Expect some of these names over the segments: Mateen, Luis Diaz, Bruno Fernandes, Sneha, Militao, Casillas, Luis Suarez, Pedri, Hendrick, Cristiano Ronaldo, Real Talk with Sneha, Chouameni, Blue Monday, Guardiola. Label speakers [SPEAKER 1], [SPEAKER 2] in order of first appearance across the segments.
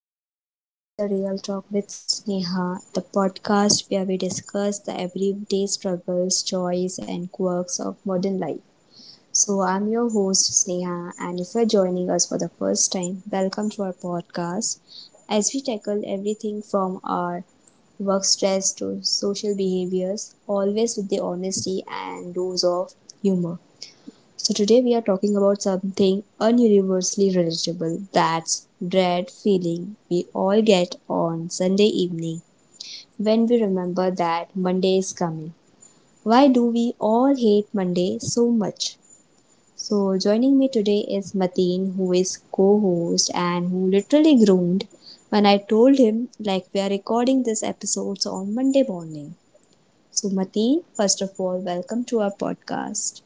[SPEAKER 1] everyone, welcome to the Real Talk with Sneha, the podcast where we discuss the everyday struggles, joys, and quirks of modern life. So, I'm your host Sneha, and if you're joining us for the first time, welcome to our podcast as we tackle everything from our work stress to social behaviors, always with the honesty and dose of humor. So, today we are talking about something ununiversally relatable that's dread feeling we all get on Sunday evening when we remember that Monday is coming. Why do we all hate Monday so much? So, joining me today is Mateen, who is co host and who literally groaned when I told him like we are recording this episode on Monday morning. So, Mateen, first of all, welcome to our podcast.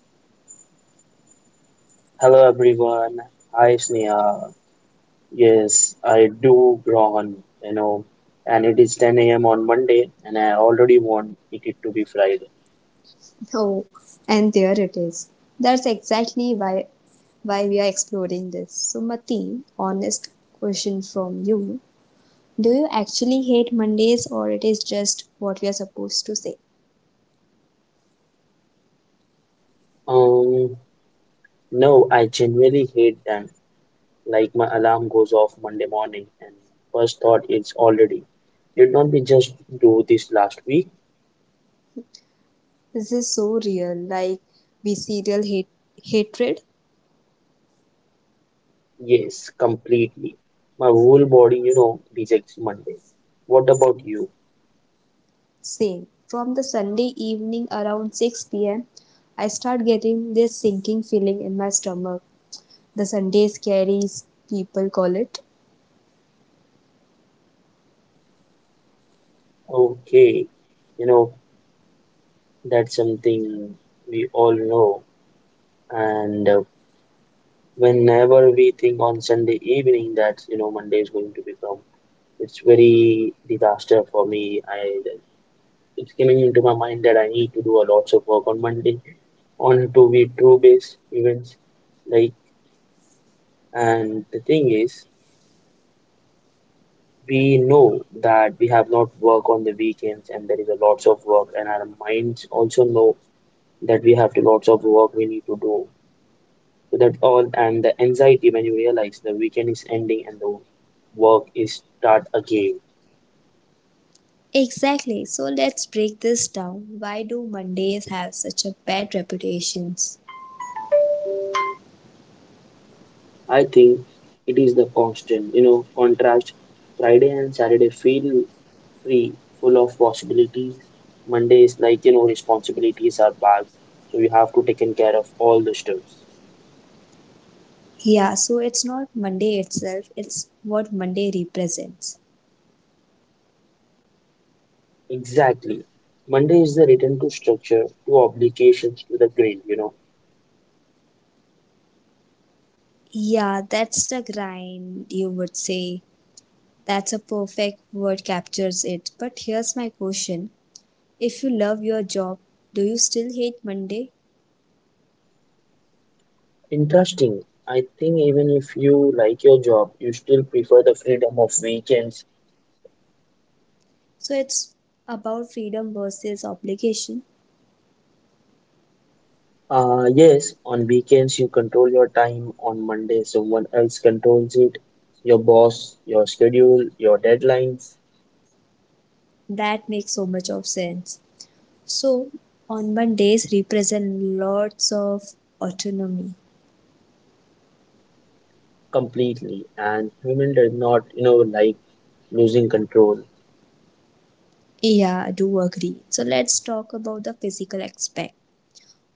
[SPEAKER 2] Hello everyone. Hi Sneha. Yes, I do yawn, and it is 10 a.m. on Monday, and I already want it to be Friday.
[SPEAKER 1] Oh, and there it is. That's exactly why we are exploring this. So, Mateen, honest question from you: Do you actually hate Mondays, or it is just what we are supposed to say?
[SPEAKER 2] Um, no, I genuinely hate them. Like my alarm goes off Monday morning, and first thought is already. Did not we just do this last week?
[SPEAKER 1] This is so real, like we serial hate hatred.
[SPEAKER 2] Yes, completely. My whole body, you know, rejects Monday. What about you?
[SPEAKER 1] Same. From the Sunday evening around 6 p.m., I start getting this sinking feeling in my stomach. The Sunday scaries, people call it.
[SPEAKER 2] Okay, you know. That's something we all know. And whenever we think on Sunday evening that, you know, Monday is going to become, it's very disaster for me. I it's coming into my mind that I need to do a lots of work on Monday on to be true base events. Like, and the thing is, we know that we have not work on the weekends, and there is a lots of work, and our minds also know that we have to lots of work we need to do. So that all and the anxiety when you realize the weekend is ending and the work is start again.
[SPEAKER 1] Exactly. So let's break this down. Why do Mondays have such a bad reputations?
[SPEAKER 2] I think it is the constant, you know, contrast. Friday and Saturday feel free, full of possibilities. Monday is like, you know, responsibilities are back, so you have to taken care of all the stuffs.
[SPEAKER 1] Yeah, so it's not Monday itself, it's what Monday represents.
[SPEAKER 2] Exactly. Monday is the return to structure, to obligations, to the grid, you know.
[SPEAKER 1] Yeah, that's the grind, you would say. That's a perfect word captures it. But here's my question. If you love your job, do you still hate Monday?
[SPEAKER 2] Interesting. I think even if you like your job, you still prefer the freedom of weekends.
[SPEAKER 1] So it's about freedom versus obligation.
[SPEAKER 2] Yes, on weekends you control your time. On Monday, someone else controls it. Your boss, your schedule, your deadlines
[SPEAKER 1] That makes so much of sense. So on Mondays represent lots of autonomy.
[SPEAKER 2] completely. And human does not, you know, like losing control.
[SPEAKER 1] Yeah, I do agree. So let's talk about the physical aspect.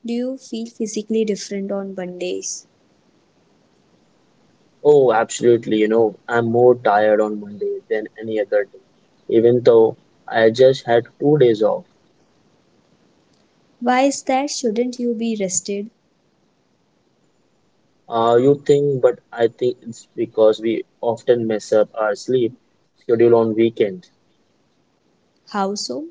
[SPEAKER 1] Do you feel physically different on Mondays?
[SPEAKER 2] Oh, absolutely. You know, I'm more tired on Monday than any other day, even though I just had 2 days off.
[SPEAKER 1] Why is that? Shouldn't you be rested?
[SPEAKER 2] You think, but I think it's because we often mess up our sleep schedule on weekends.
[SPEAKER 1] How so?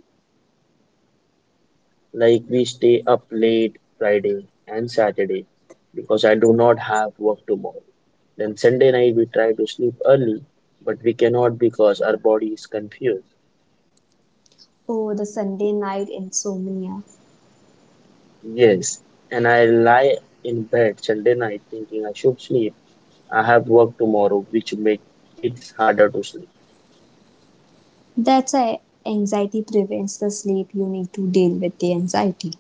[SPEAKER 2] Like we stay up late Friday and Saturday because I do not have work tomorrow. Then Sunday night we try to sleep early, but we cannot because our body is confused.
[SPEAKER 1] Oh, the Sunday night insomnia.
[SPEAKER 2] Yes, and I lie in bed Sunday night thinking I should sleep. I have work tomorrow, which make it harder to sleep.
[SPEAKER 1] That's a anxiety prevents the sleep you need to deal with the anxiety.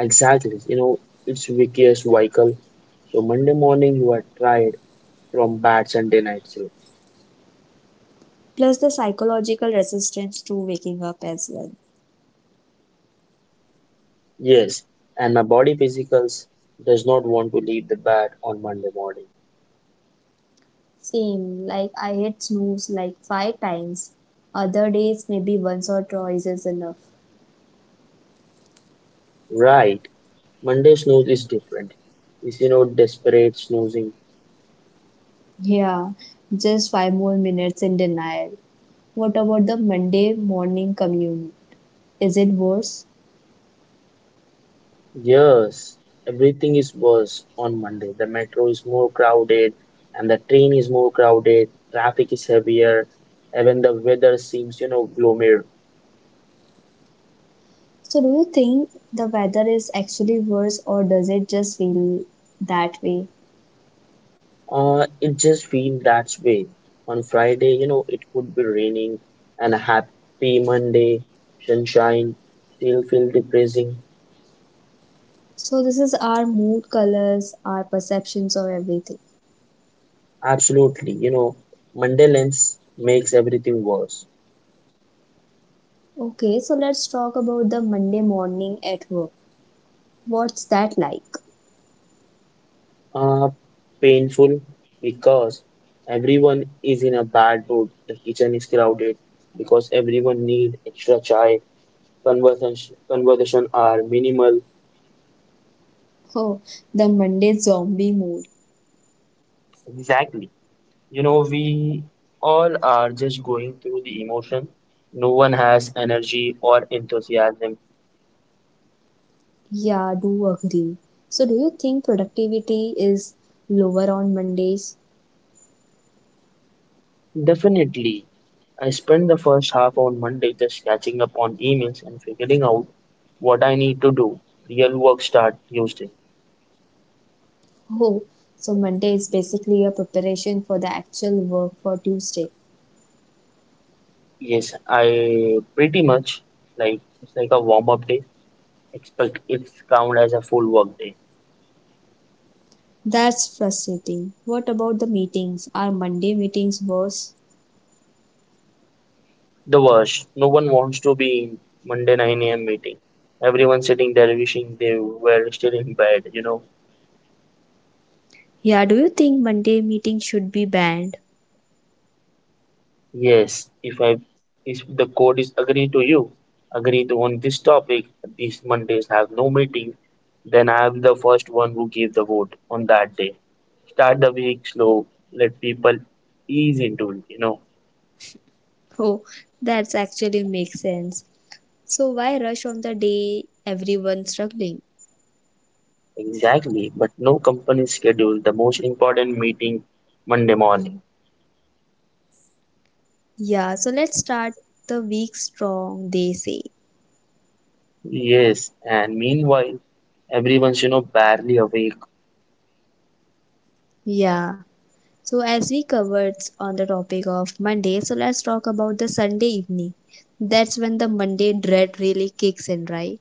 [SPEAKER 2] Exactly, you know, it's vicious cycle. So Monday morning you are tired from bad Sunday night sleep.
[SPEAKER 1] Plus the psychological resistance to waking up as well.
[SPEAKER 2] Yes, and my body physicals does not want to leave the bed on Monday morning.
[SPEAKER 1] Same, like I hit snooze like five times. Other days, maybe once or twice is enough.
[SPEAKER 2] Right. Monday snooze is different. It's you know desperate snoozing.
[SPEAKER 1] Yeah, just five more minutes in denial. What about the Monday morning commute? Is it worse?
[SPEAKER 2] Yes, everything is worse on Monday. The metro is more crowded and the train is more crowded, traffic is heavier, even the weather seems, you know, gloomier.
[SPEAKER 1] So, do you think the weather is actually worse or does it just feel that way?
[SPEAKER 2] It just feel that way. On Friday, you know, it could be raining and a happy Monday, sunshine, still feel depressing.
[SPEAKER 1] So, this is our mood colors, our perceptions of everything.
[SPEAKER 2] Absolutely, you know, Monday lens makes everything worse.
[SPEAKER 1] Okay, so let's talk about the Monday morning at work. What's that like?
[SPEAKER 2] Uh, Painful because everyone is in a bad mood. The kitchen is crowded because everyone need extra chai. Conversation are minimal.
[SPEAKER 1] Oh, the Monday zombie mood.
[SPEAKER 2] Exactly. You know, we all are just going through the emotion. No one has energy or enthusiasm.
[SPEAKER 1] Yeah, do agree. So, do you think productivity is lower on Mondays?
[SPEAKER 2] Definitely. I spent the first half on Monday just catching up on emails and figuring out what I need to do. Real work start Tuesday.
[SPEAKER 1] Oh, so Monday is basically a preparation for the actual work for Tuesday.
[SPEAKER 2] Yes, I pretty much like it's like a warm-up day, except it's count as a full work day.
[SPEAKER 1] That's frustrating. What about the meetings? Are Monday meetings worse?
[SPEAKER 2] The worst, no one wants to be in Monday 9 a.m. meeting. Everyone's sitting there wishing they were still in bed, you know.
[SPEAKER 1] Yeah, do you think Monday meetings should be banned?
[SPEAKER 2] Yes, if the code is agree to you, agree to on this topic, these Mondays have no meeting, then I am the first one who gave the vote on that day. Start the week slow, let people ease into it, you know.
[SPEAKER 1] Oh, that's actually makes sense. So, why rush on the day everyone's struggling?
[SPEAKER 2] Exactly, but no company schedule the most important meeting Monday morning.
[SPEAKER 1] Yeah, so let's start the week strong, they say.
[SPEAKER 2] Yes, and meanwhile, everyone's you know barely awake.
[SPEAKER 1] Yeah. So as we covered on the topic of Monday, so let's talk about the Sunday evening. That's when the Monday dread really kicks in, right?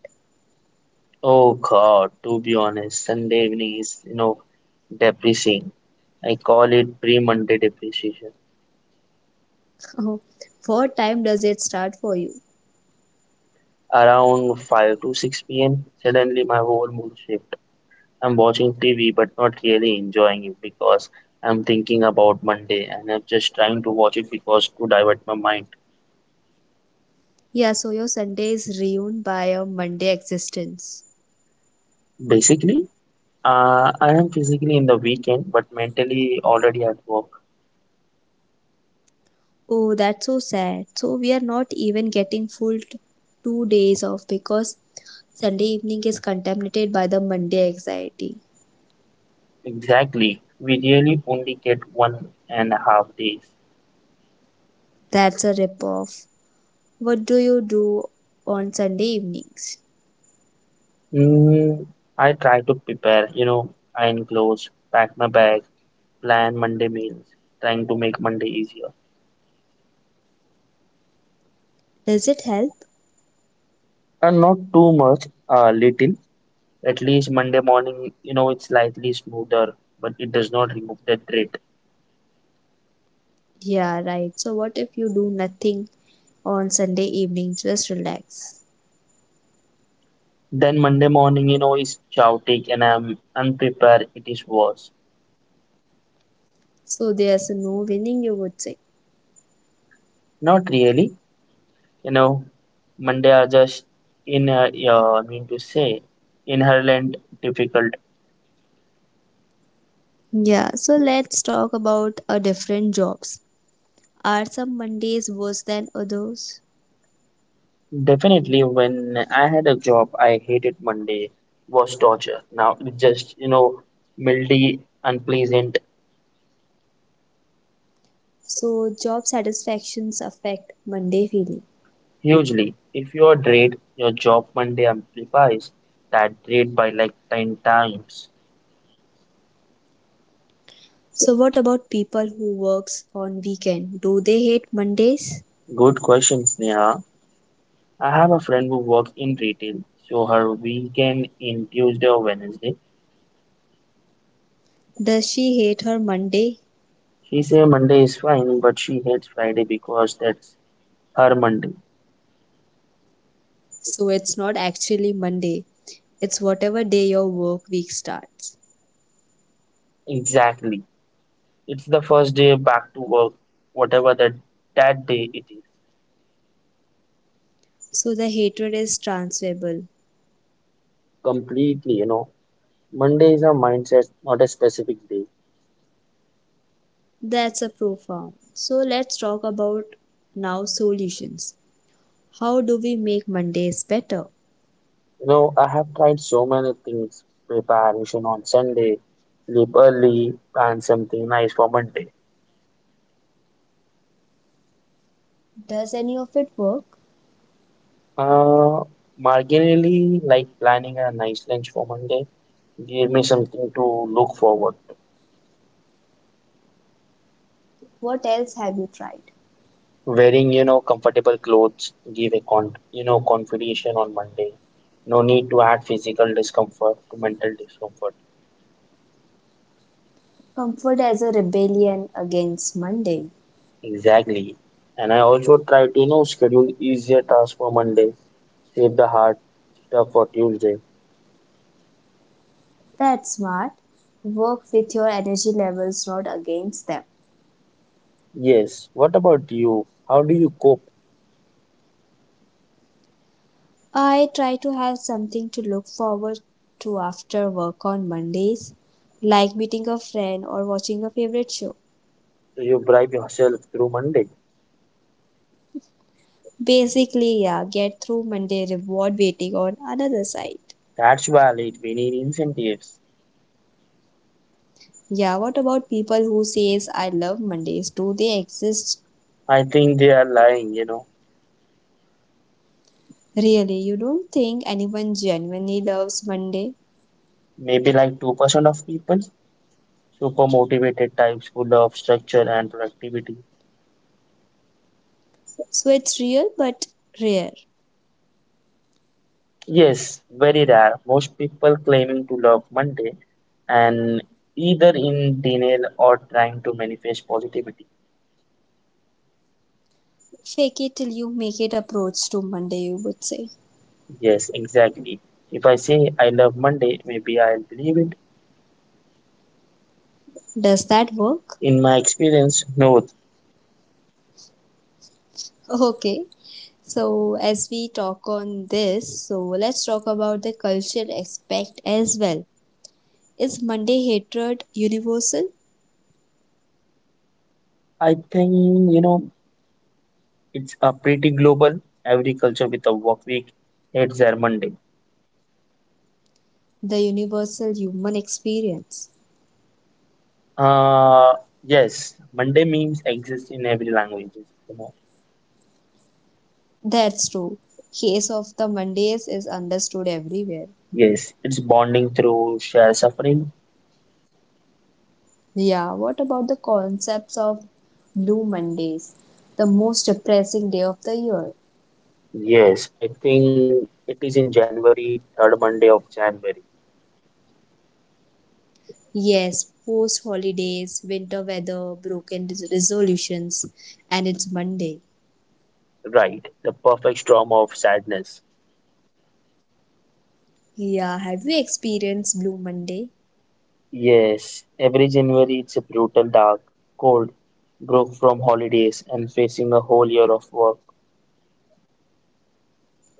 [SPEAKER 2] Oh God, to be honest, Sunday evening is, you know, depressing. I call it pre-Monday depreciation.
[SPEAKER 1] What time does it start for you?
[SPEAKER 2] Around 5 to 6 p.m., suddenly my whole mood shift. I'm watching TV but not really enjoying it because I'm thinking about Monday and I'm just trying to watch it because to divert my mind.
[SPEAKER 1] Yeah, so your Sunday is ruined by your Monday existence.
[SPEAKER 2] Basically, I am physically in the weekend but mentally already at work.
[SPEAKER 1] Oh, that's so sad. So we are not even getting full 2 days off because Sunday evening is contaminated by the Monday anxiety.
[SPEAKER 2] Exactly. We really only get 1.5 days.
[SPEAKER 1] That's a rip off. What do you do on Sunday evenings?
[SPEAKER 2] Mm, I try to prepare, you know, iron clothes, pack my bag, plan Monday meals, trying to make Monday easier.
[SPEAKER 1] Does it help?
[SPEAKER 2] And not too much, little. At least Monday morning, you know, it's slightly smoother, but it does not remove the dread.
[SPEAKER 1] Yeah, right. So, what if you do nothing on Sunday evening? Just relax.
[SPEAKER 2] Then Monday morning, you know, is chaotic and I'm unprepared, it is worse.
[SPEAKER 1] So, there's no winning, you would say.
[SPEAKER 2] Not really, you know, Monday are just in, yeah, I mean to say, inherent difficult.
[SPEAKER 1] Yeah, so let's talk about a different jobs. Are some Mondays worse than others?
[SPEAKER 2] Definitely, when I had a job, I hated Monday was torture. Now it just, you know, mildy, unpleasant,
[SPEAKER 1] So, job satisfactions affect Monday feeling.
[SPEAKER 2] hugely. If you are dread, your job Monday amplifies that dread by like 10 times.
[SPEAKER 1] So, what about people who works on weekend? Do they hate Mondays?
[SPEAKER 2] Good questions, Neha. I have a friend who works in retail, so her weekend in Tuesday or Wednesday.
[SPEAKER 1] Does she hate her Monday?
[SPEAKER 2] She say Monday is fine, but she hates Friday because that's her Monday.
[SPEAKER 1] So, it's not actually Monday. It's whatever day your work week starts.
[SPEAKER 2] Exactly. It's the first day back to work, whatever that day it is.
[SPEAKER 1] So the hatred is transferable.
[SPEAKER 2] Completely, you know. Monday is a mindset, not a specific day.
[SPEAKER 1] That's a profound. So let's talk about now solutions. How do we make Mondays better?
[SPEAKER 2] You know, I have tried so many things. Preparation on Sunday, sleep early, plan something nice for Monday.
[SPEAKER 1] Does any of it work?
[SPEAKER 2] Uh, Marginally, like planning a nice lunch for Monday, gave me something to look forward.
[SPEAKER 1] What else have you tried?
[SPEAKER 2] Wearing, you know, comfortable clothes give a con, you know, confidential on Monday. No need to add physical discomfort to mental discomfort.
[SPEAKER 1] Comfort as a rebellion against Monday.
[SPEAKER 2] Exactly. And I also try to, you know, schedule easier tasks for Monday, save the hard stuff for Tuesday.
[SPEAKER 1] That's smart. Work with your energy levels, not against them.
[SPEAKER 2] Yes. What about you? How do you cope?
[SPEAKER 1] I try to have something to look forward to after work on Mondays, like meeting a friend or watching a favorite show.
[SPEAKER 2] Do you bribe yourself through Monday?
[SPEAKER 1] Basically, yeah, get through Monday reward waiting on another side.
[SPEAKER 2] That's valid. We need incentives.
[SPEAKER 1] Yeah, what about people who says I love Mondays? Do they exist?
[SPEAKER 2] I think they are lying, you know.
[SPEAKER 1] Really, you don't think anyone genuinely loves Monday?
[SPEAKER 2] Maybe like 2% of people, super motivated types who love structure and productivity.
[SPEAKER 1] So it's real but rare.
[SPEAKER 2] Yes, very rare. Most people claiming to love Monday and either in denial or trying to manifest positivity.
[SPEAKER 1] Fake it till you make it approach to Monday, you would say.
[SPEAKER 2] Yes, exactly. If I say I love Monday, maybe I'll believe it.
[SPEAKER 1] Does that work?
[SPEAKER 2] In my experience, no.
[SPEAKER 1] Okay. So as we talk on this, so let's talk about the cultural aspect as well. Is Monday hatred universal?
[SPEAKER 2] I think, you know, it's a pretty global. Every culture with a work week hates their Monday.
[SPEAKER 1] The universal human experience.
[SPEAKER 2] Uh, yes, Monday memes exist in every language, you know.
[SPEAKER 1] That's true. Case of the Mondays is understood everywhere.
[SPEAKER 2] Yes, it's bonding through shared suffering.
[SPEAKER 1] Yeah, what about the concepts of Blue Mondays, the most depressing day of the year?
[SPEAKER 2] Yes, I think it is in January, third Monday of January.
[SPEAKER 1] Yes, post holidays, winter weather, broken resolutions, and it's Monday.
[SPEAKER 2] Right, the perfect storm of sadness.
[SPEAKER 1] Yeah, have you experienced Blue Monday?
[SPEAKER 2] Yes, every January it's a brutal, dark, cold, broke from holidays and facing a whole year of work.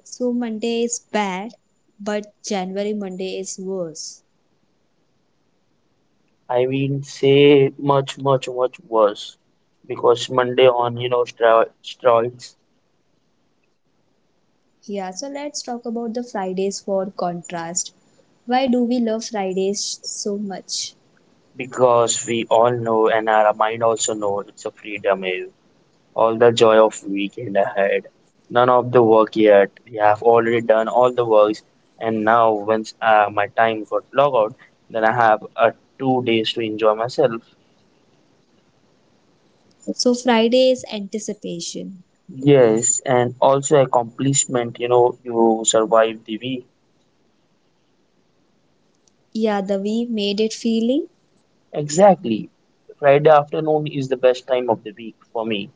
[SPEAKER 1] So, Monday is bad, but January Monday is worse.
[SPEAKER 2] I mean, say much, much, much worse because Monday on, you know, steroids.
[SPEAKER 1] Yeah, so let's talk about the Fridays for contrast. Why do we love Fridays so much?
[SPEAKER 2] Because we all know, and our mind also know, it's a freedom. Eh. All the joy of weekend ahead. None of the work yet. We have already done all the works, and now once my time got log out, then I have 2 days to enjoy myself.
[SPEAKER 1] So, Friday is anticipation.
[SPEAKER 2] Yes, and also accomplishment. You know, you survive the week.
[SPEAKER 1] Yeah, the we made it feeling.
[SPEAKER 2] Exactly. Friday afternoon is the best time of the week for me.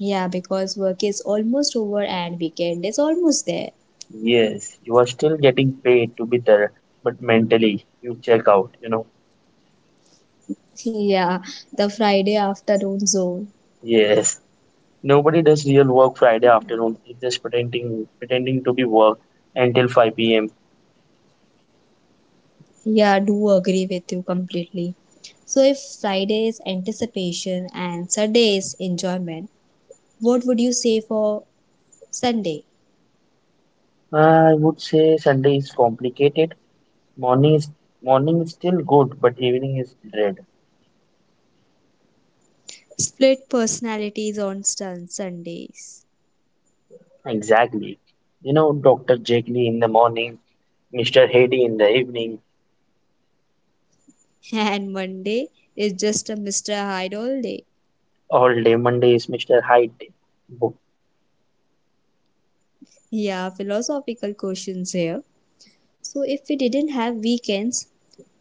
[SPEAKER 1] Yeah, because work is almost over and weekend is almost there.
[SPEAKER 2] Yes, you are still getting paid to be there, but mentally you check out. You know.
[SPEAKER 1] Yeah, the Friday afternoon zone.
[SPEAKER 2] Yes. Nobody does real work Friday afternoon. It's just pretending to be work until 5 p.m.
[SPEAKER 1] Yeah, I do agree with you completely. So, if Friday is anticipation and Sunday is enjoyment, what would you say for Sunday?
[SPEAKER 2] I would say Sunday is complicated. Morning is Morning is still good, but evening is dread.
[SPEAKER 1] Split personalities on Sundays.
[SPEAKER 2] Exactly. You know, Dr. Jekyll in the morning, Mr. Heady in the evening,
[SPEAKER 1] And Monday is just a Mr. Hyde all day.
[SPEAKER 2] all day Monday is Mr. Hyde. Wo-
[SPEAKER 1] Yeah, philosophical questions here. So, if we didn't have weekends,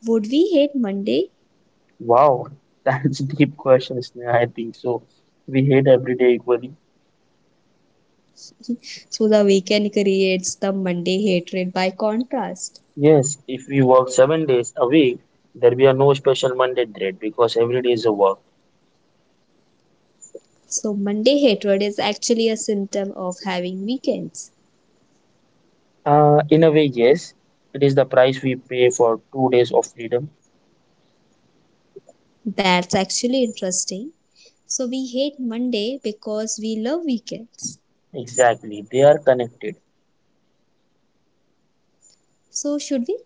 [SPEAKER 1] would we hate Monday?
[SPEAKER 2] Wow, that's a deep question, Sneha. I think so. We hate every day equally.
[SPEAKER 1] So, the weekend creates the Monday hatred by contrast.
[SPEAKER 2] Yes, if we work 7 days a week, there will be no special Monday dread because every day is a work.
[SPEAKER 1] So, Monday hatred is actually a symptom of having weekends.
[SPEAKER 2] In a way, yes, it is the price we pay for 2 days of freedom.
[SPEAKER 1] That's actually interesting. So, we hate Monday because we love weekends.
[SPEAKER 2] Exactly, they are connected.
[SPEAKER 1] So, should we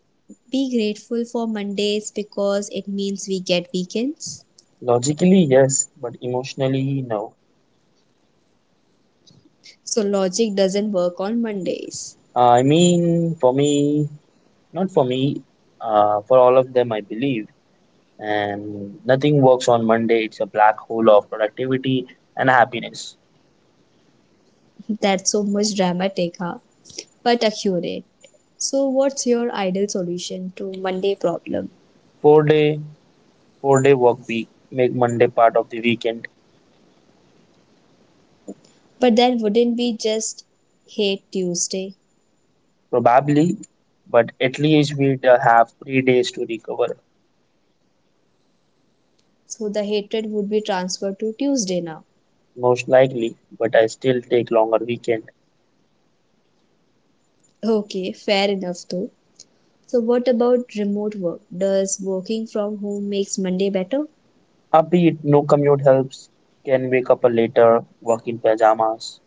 [SPEAKER 1] be grateful for Mondays because it means we get weekends?
[SPEAKER 2] Logically, yes, but emotionally, no.
[SPEAKER 1] So, logic doesn't work on Mondays.
[SPEAKER 2] Uh, I mean, for me, Not for me, for all of them, I believe. And nothing works on Monday. It's a black hole of productivity and happiness.
[SPEAKER 1] That's so much dramatic, huh? But accurate. So, what's your ideal solution to Monday problem?
[SPEAKER 2] Four day, 4 day work week make Monday part of the weekend.
[SPEAKER 1] But then, wouldn't we just hate Tuesday?
[SPEAKER 2] Probably, but at least we'd have 3 days to recover.
[SPEAKER 1] So, the hatred would be transferred to Tuesday now.
[SPEAKER 2] Most likely, but I still take longer weekend.
[SPEAKER 1] Okay, fair enough though. So, what about remote work? Does working from home makes Monday better?
[SPEAKER 2] A bit, no commute helps. Can wake up later, work in pajamas.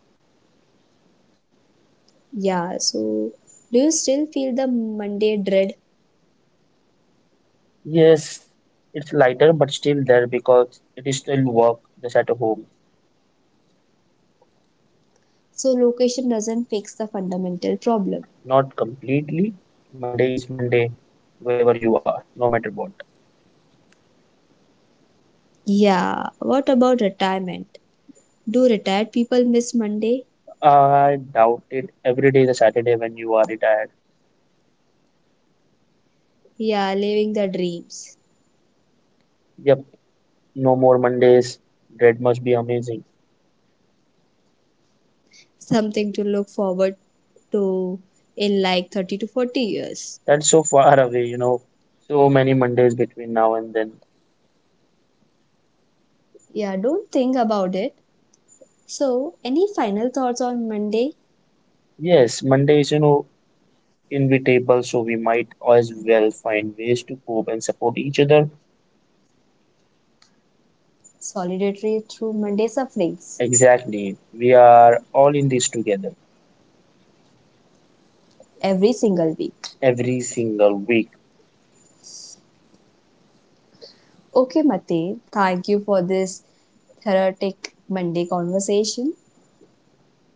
[SPEAKER 1] Yeah, so do you still feel the Monday dread?
[SPEAKER 2] Yes, it's lighter, but still there because it is still work just at home.
[SPEAKER 1] So location doesn't fix the fundamental problem.
[SPEAKER 2] Not completely. Monday is Monday, wherever you are, no matter what.
[SPEAKER 1] Yeah, what about retirement? Do retired people miss Monday?
[SPEAKER 2] I doubt it. Every day is a Saturday when you are retired.
[SPEAKER 1] Yeah, living their dreams.
[SPEAKER 2] Yep, no more Mondays. Dread must be amazing.
[SPEAKER 1] Something to look forward to in like 30 to 40 years.
[SPEAKER 2] That's so far away, you know. So many Mondays between now and then.
[SPEAKER 1] Yeah, don't think about it. So, any final thoughts on Monday?
[SPEAKER 2] Yes, Monday is, you know, inevitable, so we might as well find ways to cope and support each other.
[SPEAKER 1] Solidarity through Monday sufferings
[SPEAKER 2] Exactly. We are all in this together
[SPEAKER 1] every single week.
[SPEAKER 2] every single week.
[SPEAKER 1] Okay, Mate, thank you for this therapeutic Monday conversation.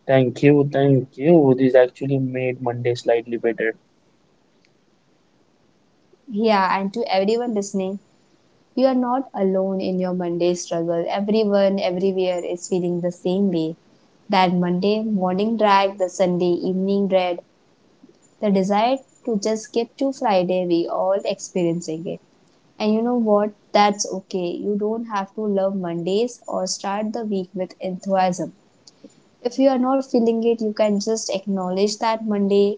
[SPEAKER 2] Thank you, thank you. This actually made Monday slightly better.
[SPEAKER 1] Yeah, and to everyone listening, you are not alone in your Monday struggle. Everyone, everywhere is feeling the same way. That Monday morning drag, the Sunday evening dread, the desire to just skip to Friday, we all experiencing it. And you know what? That's okay. You don't have to love Mondays or start the week with enthusiasm. If you are not feeling it, you can just acknowledge that Mondays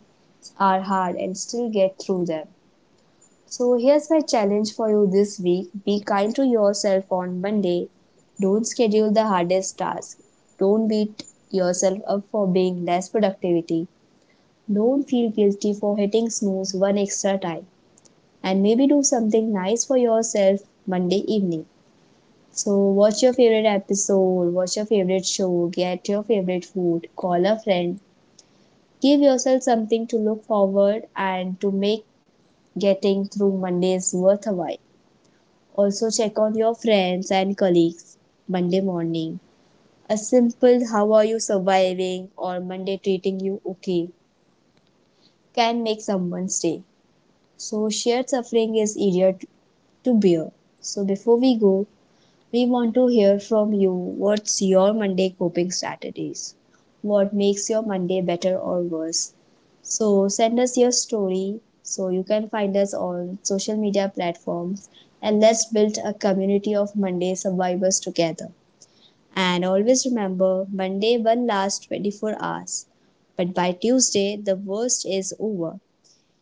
[SPEAKER 1] are hard and still get through them. So, here's my challenge for you this week: be kind to yourself on Monday. Don't schedule the hardest task. Don't beat yourself up for being less productivity. Don't feel guilty for hitting snooze one extra time. And maybe do something nice for yourself Monday evening. So, watch your favorite episode, watch your favorite show, get your favorite food, call a friend. Give yourself something to look forward and to make getting through Mondays worthwhile. Also check on your friends and colleagues Monday morning. A simple how are you surviving or Monday treating you okay can make someone's day. So shared suffering is easier to bear. So before we go, we want to hear from you. What's your Monday coping strategies? What makes your Monday better or worse? So send us your story. So you can find us on social media platforms and let's build a community of Monday survivors together. And always remember Monday one lasts 24 hours. But by Tuesday, the worst is over.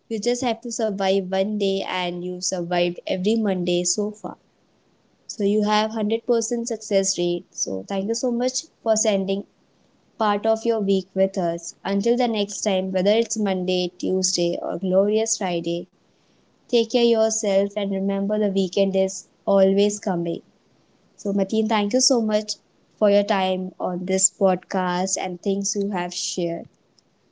[SPEAKER 1] You just have to survive one day and you survived every Monday so far. So you have 100% success rate. So thank you so much for sending part of your week with us. Until the next time, whether it's Monday, Tuesday, or glorious Friday, take care of yourself and remember the weekend is always coming. So Mateen, thank you so much for your time on this podcast and things you have shared.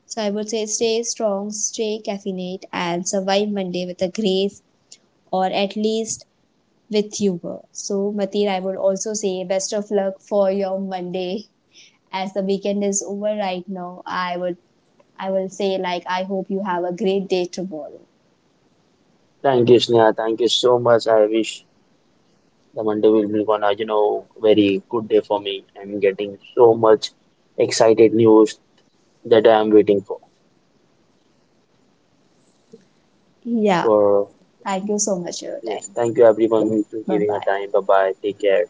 [SPEAKER 1] So I would say stay strong, stay caffeinate, and survive Monday with a grace, or at least with humor. So, Matir, I would also say best of luck for your Monday. As the weekend is over right now, I will say like I hope you have a great day tomorrow.
[SPEAKER 2] Thank you, Sneha. Thank you so much. I wish the Monday will be gonna, you know, very good day for me and getting so much excited news that I am waiting for.
[SPEAKER 1] Yeah.
[SPEAKER 2] For
[SPEAKER 1] Thank you so much for your
[SPEAKER 2] Yes,
[SPEAKER 1] time.
[SPEAKER 2] thank you everyone to
[SPEAKER 1] Bye
[SPEAKER 2] giving a
[SPEAKER 1] bye.
[SPEAKER 2] time. Bye bye. Take care.